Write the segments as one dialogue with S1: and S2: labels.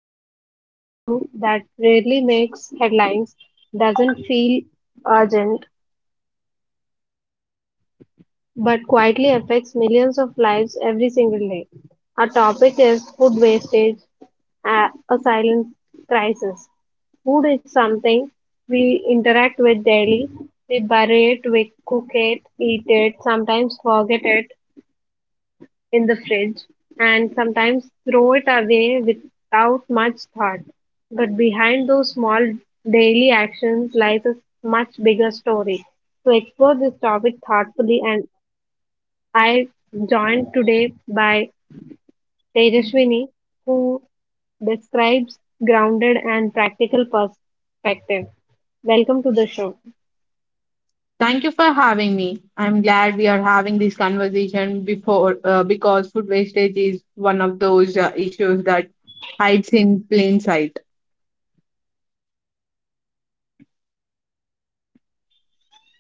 S1: discussing an issue that rarely makes headlines, doesn't feel urgent, but quietly affects millions of lives every single day. Our topic is food wastage, a silent crisis. Food is something we interact with daily. We bury it, we cook it, eat it, sometimes forget it, in the fridge, and sometimes throw it away without much thought. But behind those small daily actions lies a much bigger story. To explore this topic thoughtfully, and I joined today by Tejaswini, who describes grounded and practical perspective. Welcome to the show.
S2: Thank you for having me. I'm glad we are having this conversation before because food wastage is one of those issues that hides in plain sight.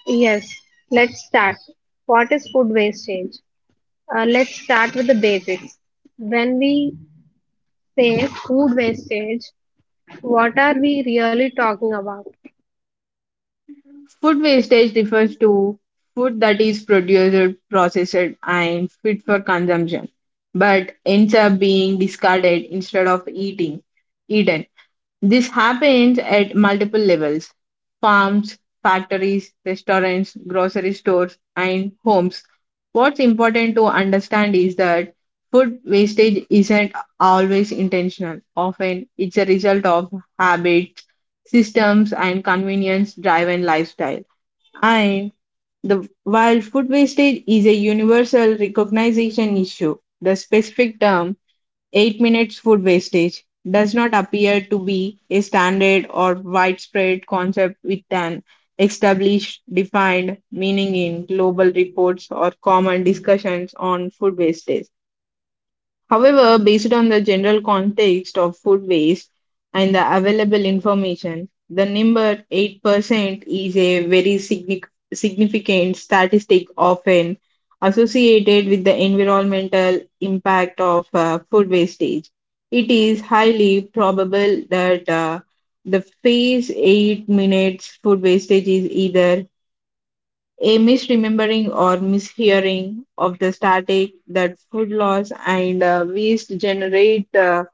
S1: Yes, let's start. What is food wastage? Let's start with the basics. When we say food wastage, what are we really talking about?
S2: Food wastage refers to food that is produced, processed, and fit for consumption, but ends up being discarded instead of eating eaten. This happens at multiple levels: farms, factories, restaurants, grocery stores, and homes. What's important to understand is that food wastage isn't always intentional. Often, it's a result of habits, systems, and convenience driven lifestyle. And while food wastage is a universal recognition issue, the specific term 8 minutes food wastage does not appear to be a standard or widespread concept with an established defined meaning in global reports or common discussions on food wastage. However, based on the general context of food waste and the available information, the number 8% is a very significant statistic often associated with the environmental impact of food wastage. It is highly probable that the phase 8 minutes food wastage is either a misremembering or mishearing of the static that food loss and waste generate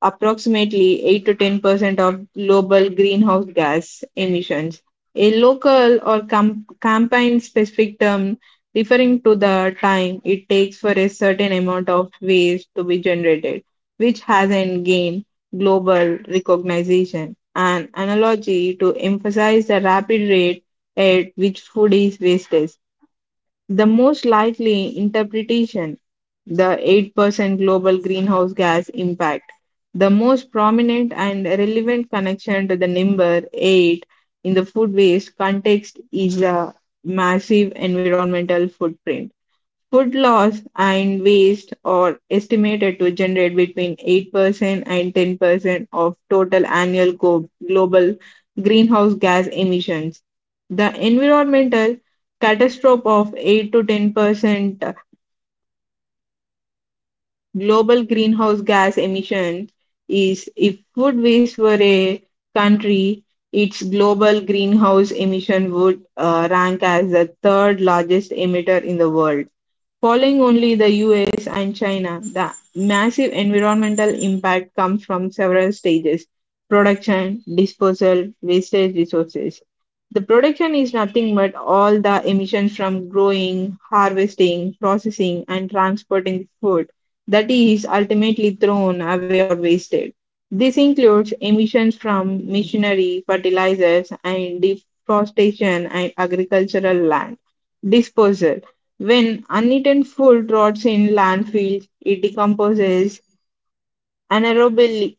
S2: approximately 8 to 10% of global greenhouse gas emissions. A local or campaign specific term referring to the time it takes for a certain amount of waste to be generated, which hasn't gained global recognition. An analogy to emphasize the rapid rate at which food is wasted. The most likely interpretation, the 8% global greenhouse gas impact. The most prominent and relevant connection to the number 8 in the food waste context is the massive environmental footprint. Food loss and waste are estimated to generate between 8% and 10% of total annual global greenhouse gas emissions. The environmental catastrophe of 8 to 10% global greenhouse gas emissions is, if food waste were a country, its global greenhouse emission would rank as the third largest emitter in the world. Following only the US and China, the massive environmental impact comes from several stages: production, disposal, wastage, resources. The production is nothing but all the emissions from growing, harvesting, processing, and transporting food that is ultimately thrown away or wasted. This includes emissions from machinery, fertilizers, and deforestation and agricultural land disposal. When uneaten food rots in landfills, it decomposes anaerobically,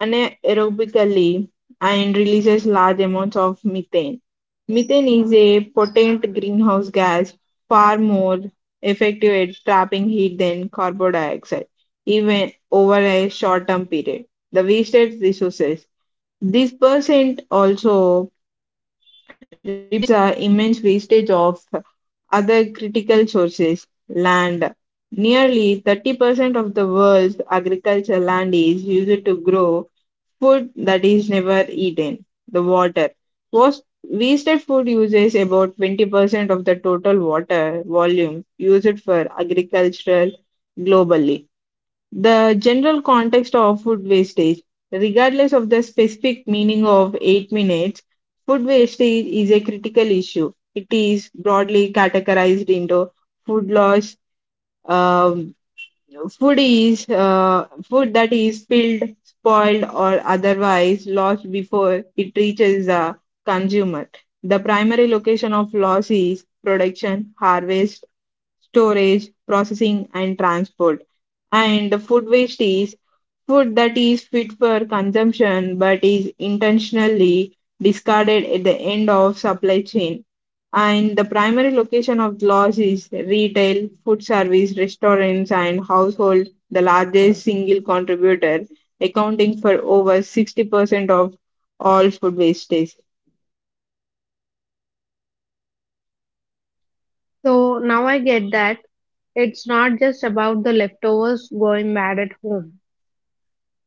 S2: anaerobically and releases large amounts of methane. Methane is a potent greenhouse gas, far more effective at trapping heat than carbon dioxide, even over a short term period. The wasted resources. This percent also represents the immense wastage of other critical sources. Land. Nearly 30% of the world's agricultural land is used to grow food that is never eaten. The water. Wasted food uses about 20% of the total water volume used for agricultural globally. The general context of food wastage, regardless of the specific meaning of 8 minutes, food wastage is a critical issue. It is broadly categorized into food loss. Um, Food is food that is spilled, spoiled, or otherwise lost before it reaches the consumer. The primary location of loss is production, harvest, storage, processing, and transport, and the food waste is. Food that is fit for consumption but is intentionally discarded at the end of supply chain. And the primary location of loss is retail, food service, restaurants, and household, the largest single contributor, accounting for over 60% of all food wastage.
S1: So now I get that it's not just about the leftovers going bad at home.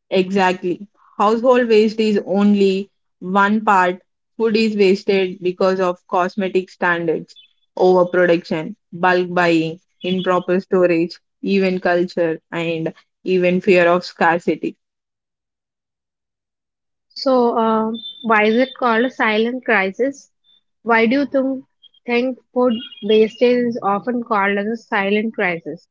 S2: Exactly. Household waste is only one part. Food is wasted because of cosmetic standards, overproduction, bulk buying, improper storage, even culture, and even fear of scarcity.
S1: So, why is it called a silent crisis? Why do you think food wastage is often called as a silent crisis?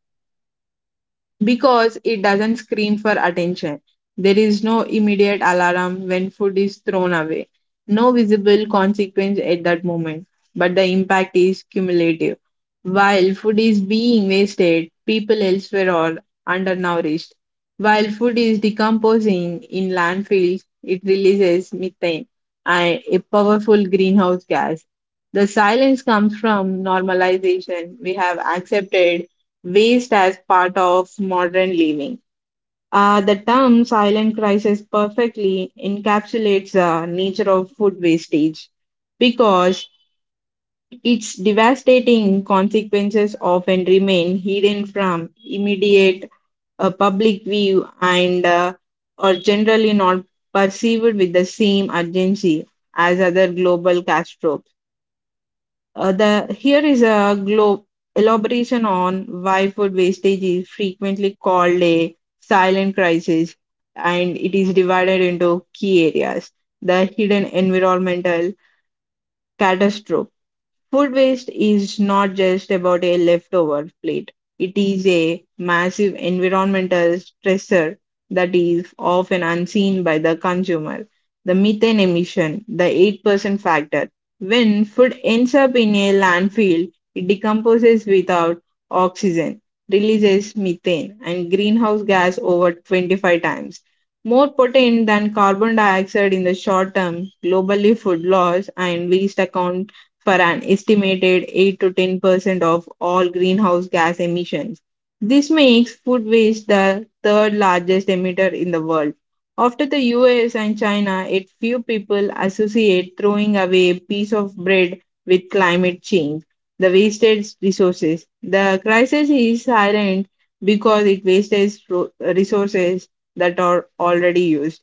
S2: Because it doesn't scream for attention. There is no immediate alarm when food is thrown away, no visible consequence at that moment, but the impact is cumulative. While food is being wasted, people elsewhere are undernourished. While food is decomposing in landfills, it releases methane, a powerful greenhouse gas. The silence comes from normalization. We have accepted waste as part of modern living. The term silent crisis perfectly encapsulates the nature of food wastage because its devastating consequences often remain hidden from immediate public view and are generally not perceived with the same urgency as other global catastrophes. The here is a glo- elaboration on why food wastage is frequently called a silent crisis, and it is divided into key areas: the hidden environmental catastrophe. Food waste is not just about a leftover plate, it is a massive environmental stressor that is often unseen by the consumer. The methane emission, the 8% factor. When food ends up in a landfill, it decomposes without oxygen, releases methane and greenhouse gas over 25 times. More potent than carbon dioxide in the short term, globally, food loss and waste account for an estimated 8 to 10% of all greenhouse gas emissions. This makes food waste the third largest emitter in the world. After the US and China, it few people associate throwing away a piece of bread with climate change, the wasted resources. The crisis is silent because it wastes resources that are already used.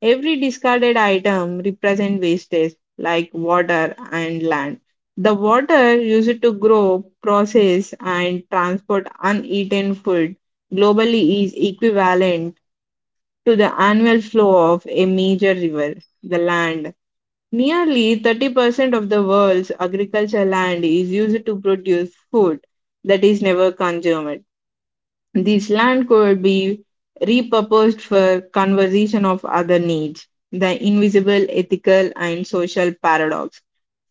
S2: Every discarded item represents wastage like water and land. The water used to grow, process, and transport uneaten food globally is equivalent to the annual flow of a major river, the land. Nearly 30% of the world's agricultural land is used to produce food that is never consumed. This land could be repurposed for conservation of other needs, the invisible ethical and social paradox.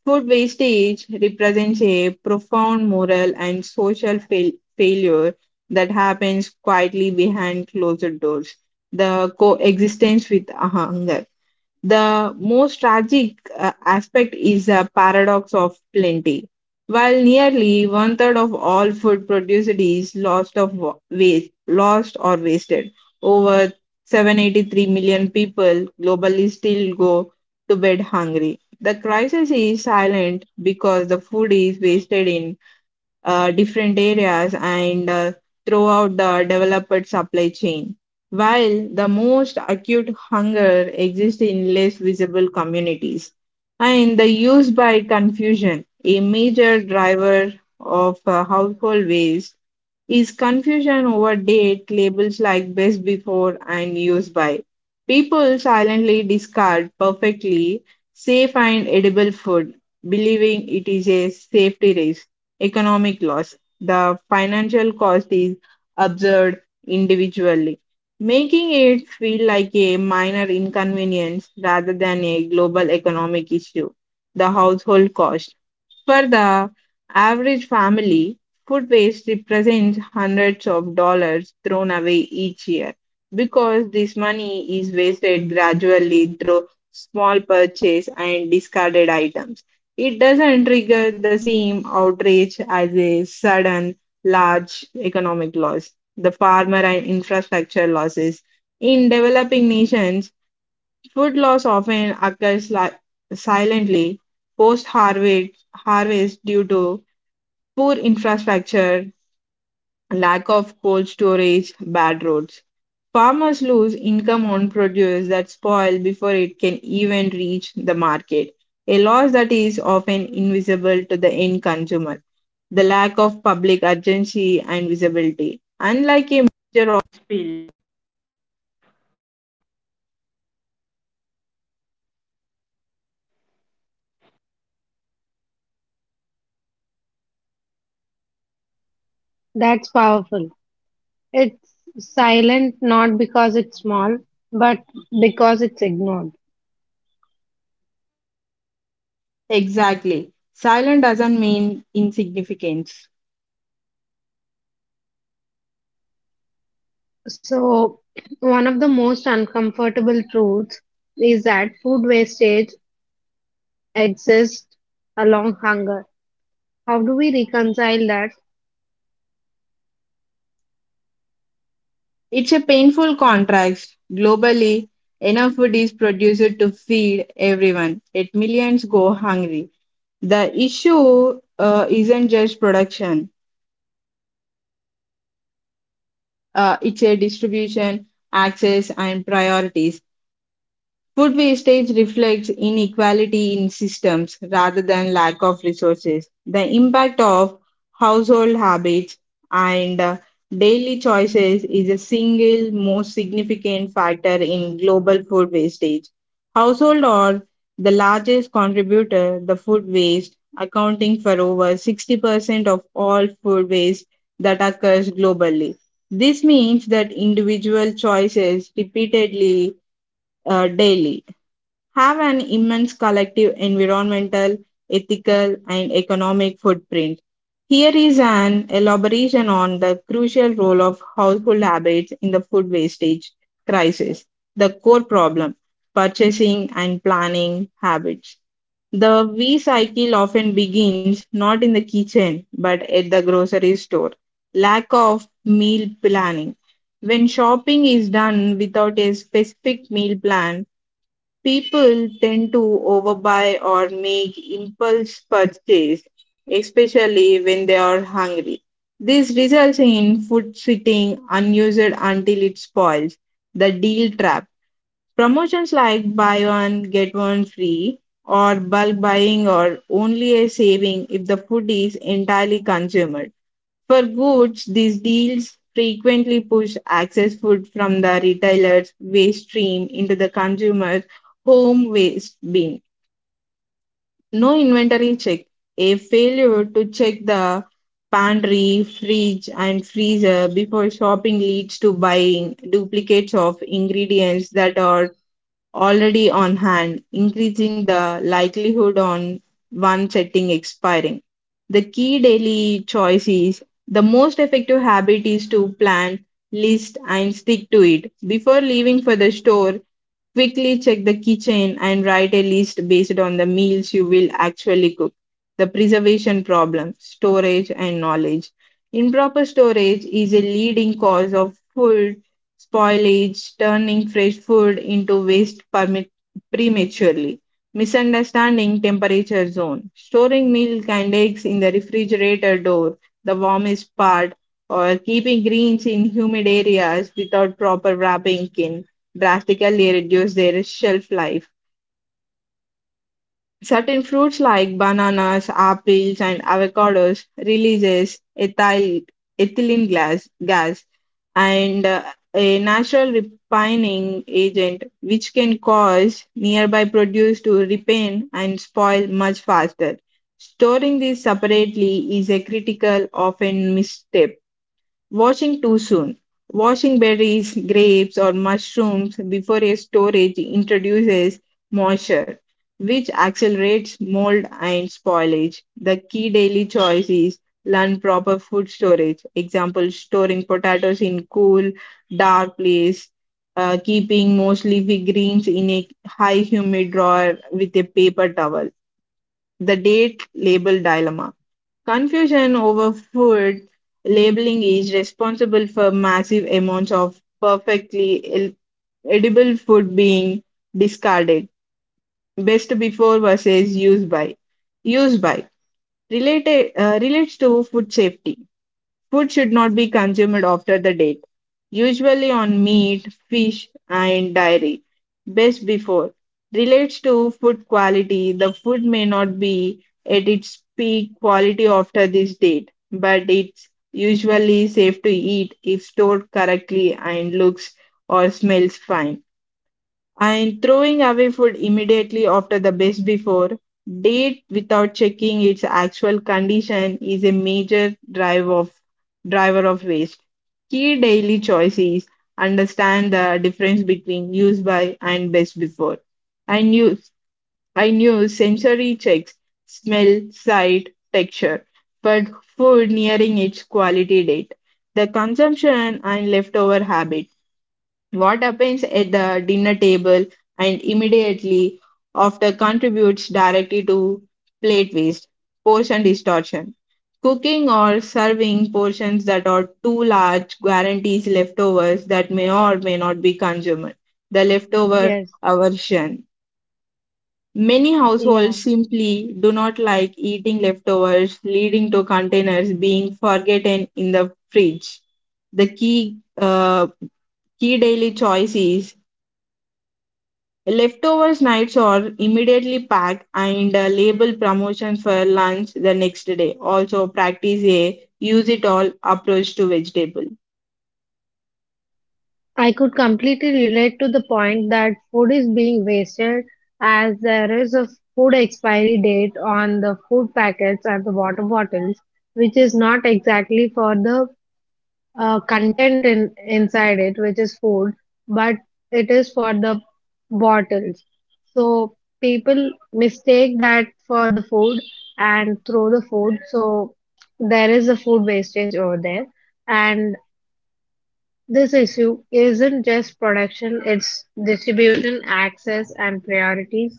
S2: Food wastage represents a profound moral and social failure that happens quietly behind closed doors. The coexistence with hunger. The most tragic aspect is the paradox of plenty. While nearly one third of all food produced is lost of lost or wasted, over 783 million people globally still go to bed hungry. The crisis is silent because the food is wasted in different areas and throughout the developed supply chain, while the most acute hunger exists in less visible communities. And the use by confusion, a major driver of household waste is confusion over date labels like best before and use by. People silently discard perfectly safe and edible food, believing it is a safety risk, economic loss. The financial cost is absurd individually, making it feel like a minor inconvenience rather than a global economic issue. The household cost for the average family, food waste represents hundreds of dollars thrown away each year because this money is wasted gradually through small purchase and discarded items. It doesn't trigger the same outrage as a sudden large economic loss, the farmer and infrastructure losses. In developing nations, food loss often occurs silently post harvest due to poor infrastructure, lack of cold storage, bad roads. Farmers lose income on produce that spoil before it can even reach the market, a loss that is often invisible to the end consumer. The lack of public urgency and visibility. Unlike
S1: That's powerful. It's silent not because it's small, but because it's ignored.
S2: Exactly. Silent doesn't mean insignificance.
S1: So, one of the most uncomfortable truths is that food wastage exists along hunger. How do we reconcile that?
S2: It's a painful contrast. Globally, enough food is produced to feed everyone, yet millions go hungry. The issue isn't just production, it's a distribution, access, and priorities. Food wastage reflects inequality in systems rather than lack of resources. The impact of household habits and daily choices is a single most significant factor in global food wastage. Household are the largest contributor the food waste accounting for over 60% of all food waste that occurs globally. This means that individual choices repeatedly daily have an immense collective environmental, ethical, and economic footprint. Here is an elaboration on the crucial role of household habits in the food wastage crisis, the core problem, purchasing and planning habits. The V cycle often begins not in the kitchen but at the grocery store. Lack of meal planning. When shopping is done without a specific meal plan, people tend to overbuy or make impulse purchase, especially when they are hungry. This results in food sitting unused until it spoils. The deal trap. Promotions like buy one, get one free, or bulk buying are only a saving if the food is entirely consumed. For goods, these deals frequently push excess food from the retailer's waste stream into the consumer's home waste bin. No inventory check. A failure to check the pantry, fridge, and freezer before shopping leads to buying duplicates of ingredients that are already on hand, increasing the likelihood on one setting expiring. The key daily choice is the most effective habit is to plan, list, and stick to it. Before leaving for the store, quickly check the kitchen and write a list based on the meals you will actually cook, the preservation problem, storage, and knowledge. Improper storage is a leading cause of food spoilage, turning fresh food into waste prematurely. Misunderstanding temperature zone. Storing milk and eggs in the refrigerator door, the warmest part, or keeping greens in humid areas without proper wrapping can drastically reduce their shelf life. Certain fruits like bananas, apples, and avocados releases ethylene gas and a natural refining agent which can cause nearby produce to repine and spoil much faster. Storing these separately is a critical, often misstep. Washing too soon. Washing berries, grapes, or mushrooms before a storage introduces moisture, which accelerates mold and spoilage. The key daily choice is learn proper food storage. Example, storing potatoes in cool, dark place, keeping most leafy greens in a high humid drawer with a paper towel. The date label dilemma. Confusion over food labeling is responsible for massive amounts of perfectly edible food being discarded. Best before versus use by. Use by related relates to food safety. Food should not be consumed after the date, usually on meat, fish, and dairy. Best before relates to food quality. The food may not be at its peak quality after this date, but it's usually safe to eat if stored correctly and looks or smells fine, and throwing away food immediately after the best before date without checking its actual condition is a major driver of waste. Key daily choices: understand the difference between use by and best before. And use I knew sensory checks, smell, sight, texture, but food nearing its quality date. The consumption and leftover habit, what happens at the dinner table and immediately after contributes directly to plate waste, portion distortion. Cooking or serving portions that are too large guarantees leftovers that may or may not be consumed. The leftover
S1: Yes,
S2: aversion. Many
S1: yeah,
S2: households simply do not like eating leftovers, leading to containers being forgotten in the fridge. The key daily choices. Leftovers nights are immediately packed and label promotions for lunch the next day. Also, practice a use it all approach to vegetable.
S1: I could completely relate to the point that food is being wasted as there is a food expiry date on the food packets and the water bottles, which is not exactly for the content in inside it, which is food, but it is for the bottles. So people mistake that for the food and throw the food. So there is a food wastage over there, and this issue isn't just production, it's distribution, access, and priorities.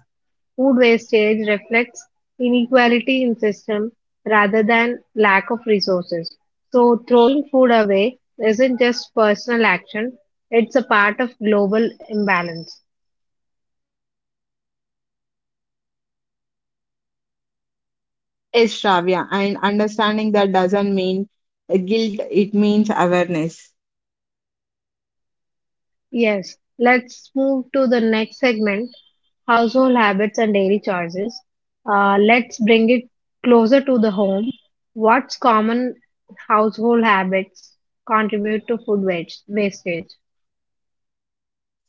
S1: Food wastage reflects inequality in system rather than lack of resources. So throwing food away isn't just personal action, it's a part of global imbalance.
S2: Yes, Shravya, and understanding that doesn't mean guilt, it means awareness.
S1: Yes, let's move to the next segment household habits and daily choices. Let's bring it closer to the home. What's common household habits contribute to food waste? Wastage?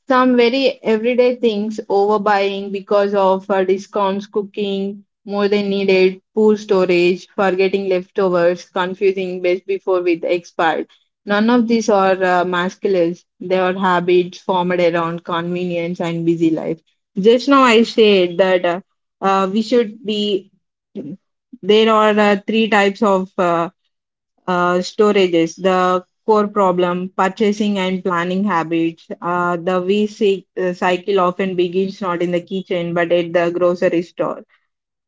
S2: Some very everyday things, overbuying because of discounts, cooking more than needed, poor storage, forgetting leftovers, confusing best before with expired. None of these are masculine. They are habits formed around convenience and busy life. Just now I said that we should be, there are three types of storages. The core problem. Purchasing and planning habits. The VC cycle often begins not in the kitchen but at the grocery store.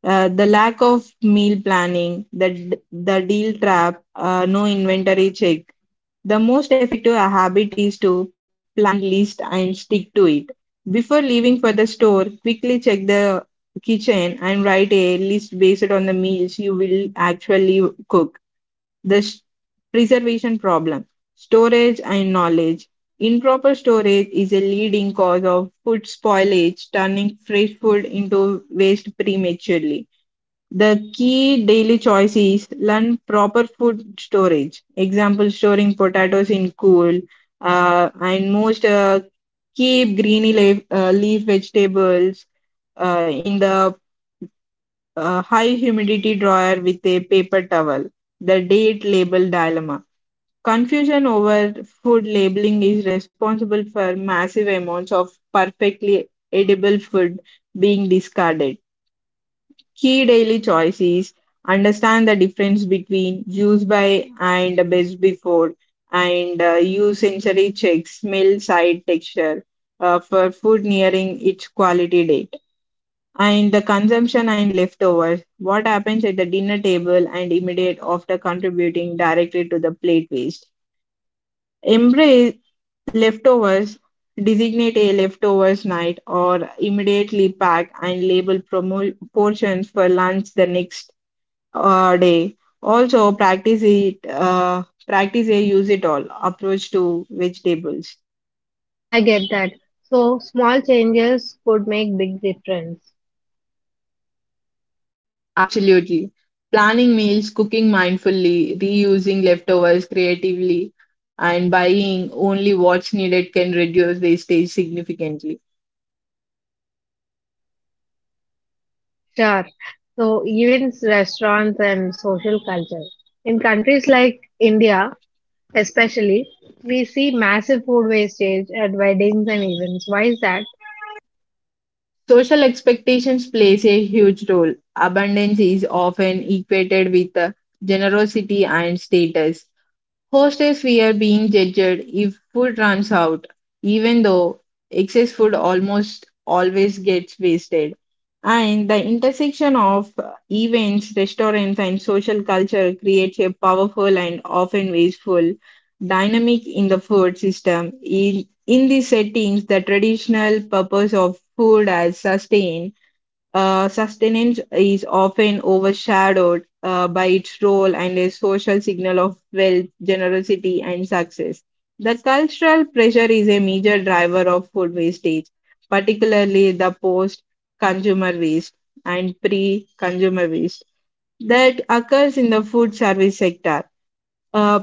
S2: The lack of meal planning, the deal trap, no inventory check. The most effective habit is to plan, list, and stick to it. Before leaving for the store, quickly check the kitchen and write a list based on the meals you will actually cook. the sh- preservation problem, storage and knowledge. Improper storage is a leading cause of food spoilage, turning fresh food into waste prematurely. The key daily choice is learn proper food storage. Example, storing potatoes in cool, and most keep leaf vegetables in the high humidity dryer with a paper towel. The date label dilemma. Confusion over food labeling is responsible for massive amounts of perfectly edible food being discarded. Key daily choices: understand the difference between use by and best before, and use sensory checks, smell, sight, texture, for food nearing its quality date. And the consumption and leftovers, what happens at the dinner table and immediate after contributing directly to the plate waste. Embrace leftovers. Designate a leftovers night or immediately pack and label portions for lunch the next day. Also, practice it. Practice a use it all approach to vegetables.
S1: I get that. So, small changes could make big difference.
S2: Absolutely, planning meals, cooking mindfully, reusing leftovers creatively, and buying only what's needed can reduce wastage significantly.
S1: Sure. So, events, restaurants, and social culture. In countries like India, especially, we see massive food wastage at weddings and events. Why is that?
S2: Social expectations plays a huge role. Abundance is often equated with generosity and status. Hostels fear being judged if food runs out, even though excess food almost always gets wasted. And the intersection of events, restaurants, and social culture creates a powerful and often wasteful dynamic in the food system. In these settings, the traditional purpose of food as sustain sustenance is often overshadowed by its role and a social signal of wealth, generosity, and success. The cultural pressure is a major driver of food wastage, particularly the post consumer waste and pre consumer waste that occurs in the food service sector. Uh,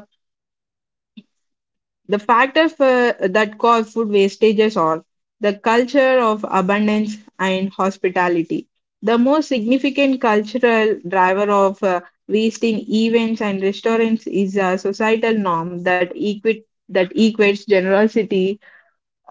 S2: the factors for, that cause food wastages are the culture of abundance and hospitality. The most significant cultural driver of waste in events and restaurants is a societal norm that equates generosity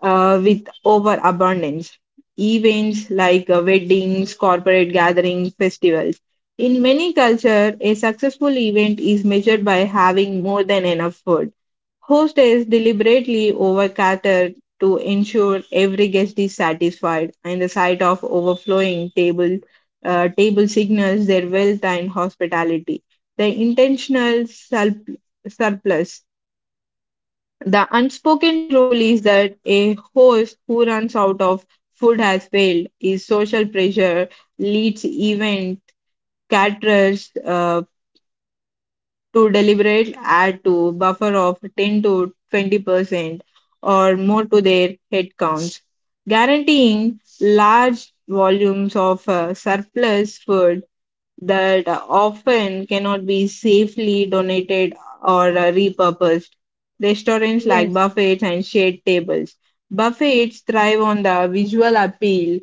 S2: with overabundance. Events like weddings, corporate gatherings, festivals. In many cultures, a successful event is measured by having more than enough food. Hostels deliberately over to ensure every guest is satisfied, and the sight of overflowing table signals their wealth and hospitality. The intentional surplus. The unspoken rule is that a host who runs out of food has failed. Is social pressure leads event caterers to deliberate add to buffer of 10 to 20% or more to their headcounts, guaranteeing large volumes of surplus food that often cannot be safely donated or repurposed. Restaurants like
S1: Yes,
S2: buffets and shared tables. Buffets thrive on the visual appeal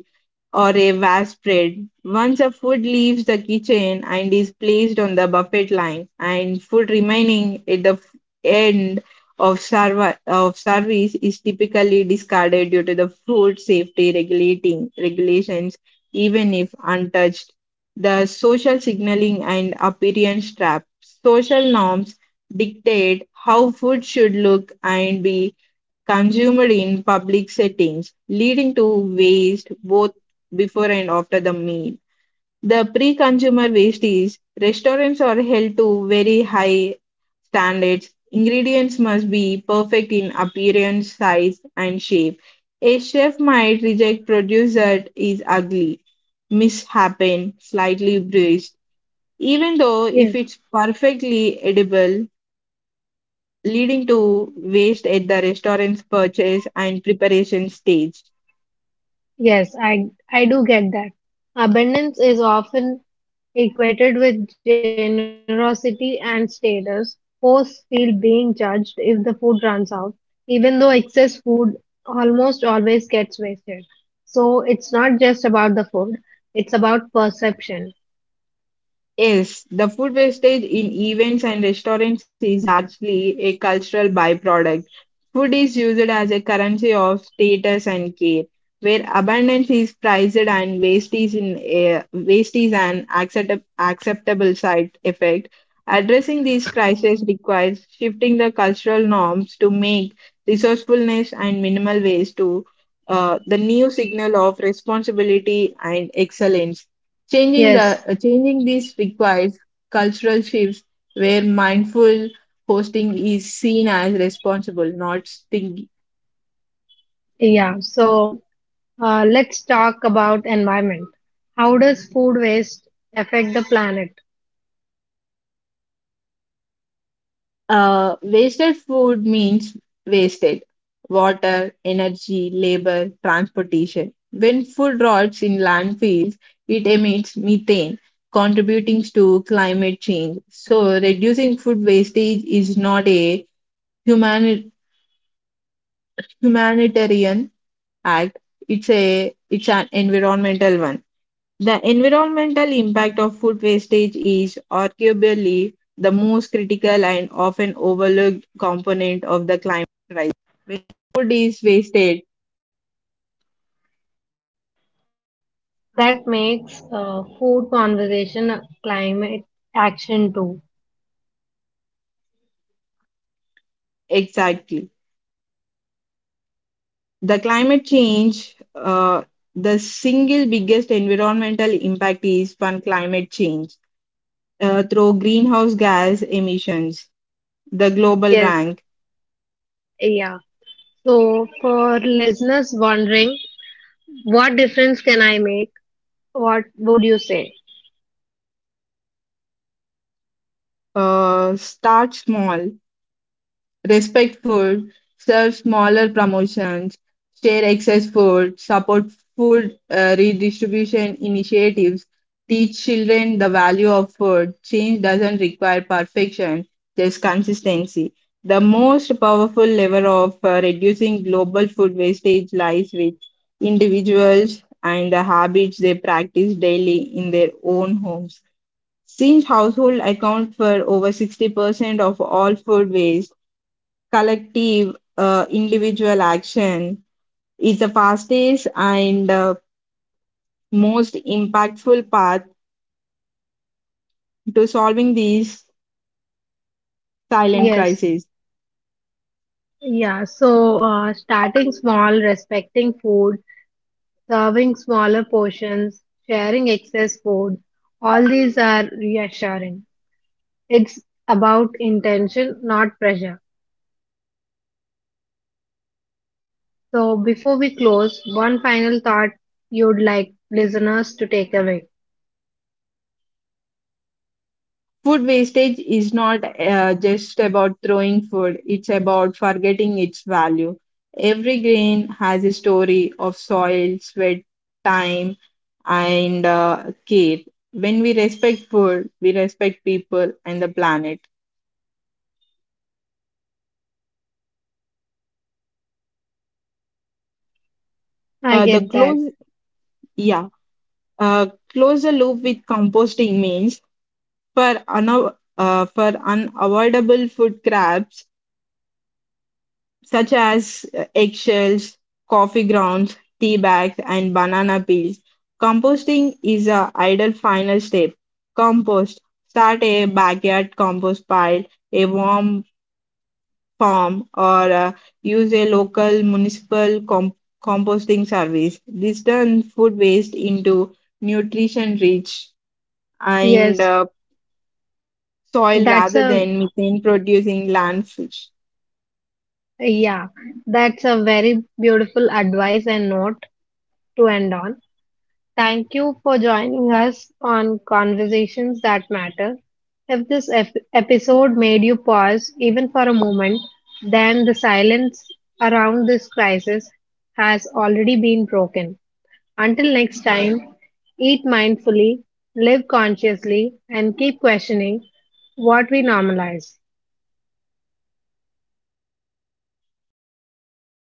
S2: or a vast spread. Once a food leaves the kitchen and is placed on the buffet line, and food remaining at the end of service is typically discarded due to the food safety regulating regulations, even if untouched. The social signaling and appearance trap. Social norms dictate how food should look and be consumed in public settings, leading to waste both before and after the meal. The pre consumer waste is restaurants are held to very high standards. Ingredients must be perfect in appearance, size, and shape. A chef might reject produce that is ugly, mishapen, slightly bruised, even though if
S1: yes,
S2: it's perfectly edible, leading to waste at the restaurant's purchase and preparation stage.
S1: yes, I do get that. Abundance is often equated with generosity and status. Hosts feel being judged if the food runs out, even though excess food almost always gets wasted. So it's not just about the food, it's about perception.
S2: Yes, the food wastage in events and restaurants is largely a cultural byproduct. Food is used as a currency of status and care, where abundance is prized and waste is an accept, acceptable side effect. Addressing these crises requires shifting the cultural norms to make resourcefulness and minimal waste to the new signal of responsibility and excellence.
S1: Yes,
S2: Changing this requires cultural shifts where mindful hosting is seen as responsible, not stingy.
S1: yeah. So let's talk about environment. How does food waste affect the planet?
S2: Wasted food means wasted water, energy, labor, transportation. When food rots in landfills, it emits methane, contributing to climate change. So, reducing food wastage is not a human, humanitarian act, it's an environmental one. The environmental impact of food wastage is arguably the most critical and often overlooked component of the.
S1: That makes food conversation a climate action too.
S2: Exactly. The climate change, the single biggest environmental impact is from climate change through greenhouse gas emissions. The global
S1: Yes,
S2: rank.
S1: yeah. So, for listeners wondering, what difference can I make? What would you say?
S2: Start small. Respect food, serve smaller promotions, share excess food, support food redistribution initiatives, teach children the value of food. Change doesn't require perfection, just consistency. The most powerful lever of reducing global food wastage lies with individuals and the habits they practice daily in their own homes. Since households account for over 60% of all food waste, collective individual action is the fastest and most impactful path to solving these silent
S1: Yes.
S2: crises.
S1: Yeah. So, starting small, respecting food, serving smaller portions, sharing excess food, all these are reassuring. It's about intention, not pressure. So before we close, one final thought you'd like listeners to take away.
S2: Food wastage is not just about throwing food, it's about forgetting its value. Every grain has a story of soil, sweat, time, and care. When we respect food, we respect people and the planet.
S1: I
S2: The
S1: get that.
S2: close, yeah. Uh, Close the loop with composting means for unavoidable food scraps such as eggshells, coffee grounds, tea bags, and banana peels. Composting is a ideal final step. Compost. Start a backyard compost pile, a warm farm, or use a local composting service. This turns food waste into nutrition rich and
S1: Yes,
S2: uh, soil
S1: that's
S2: rather
S1: a
S2: than methane producing landfill.
S1: yeah, that's a very beautiful advice and note to end on. Thank you for joining us on Conversations That Matter. If this episode made you pause even for a moment, then the silence around this crisis has already been broken. Until next time, eat mindfully, live consciously, and keep questioning what we normalize.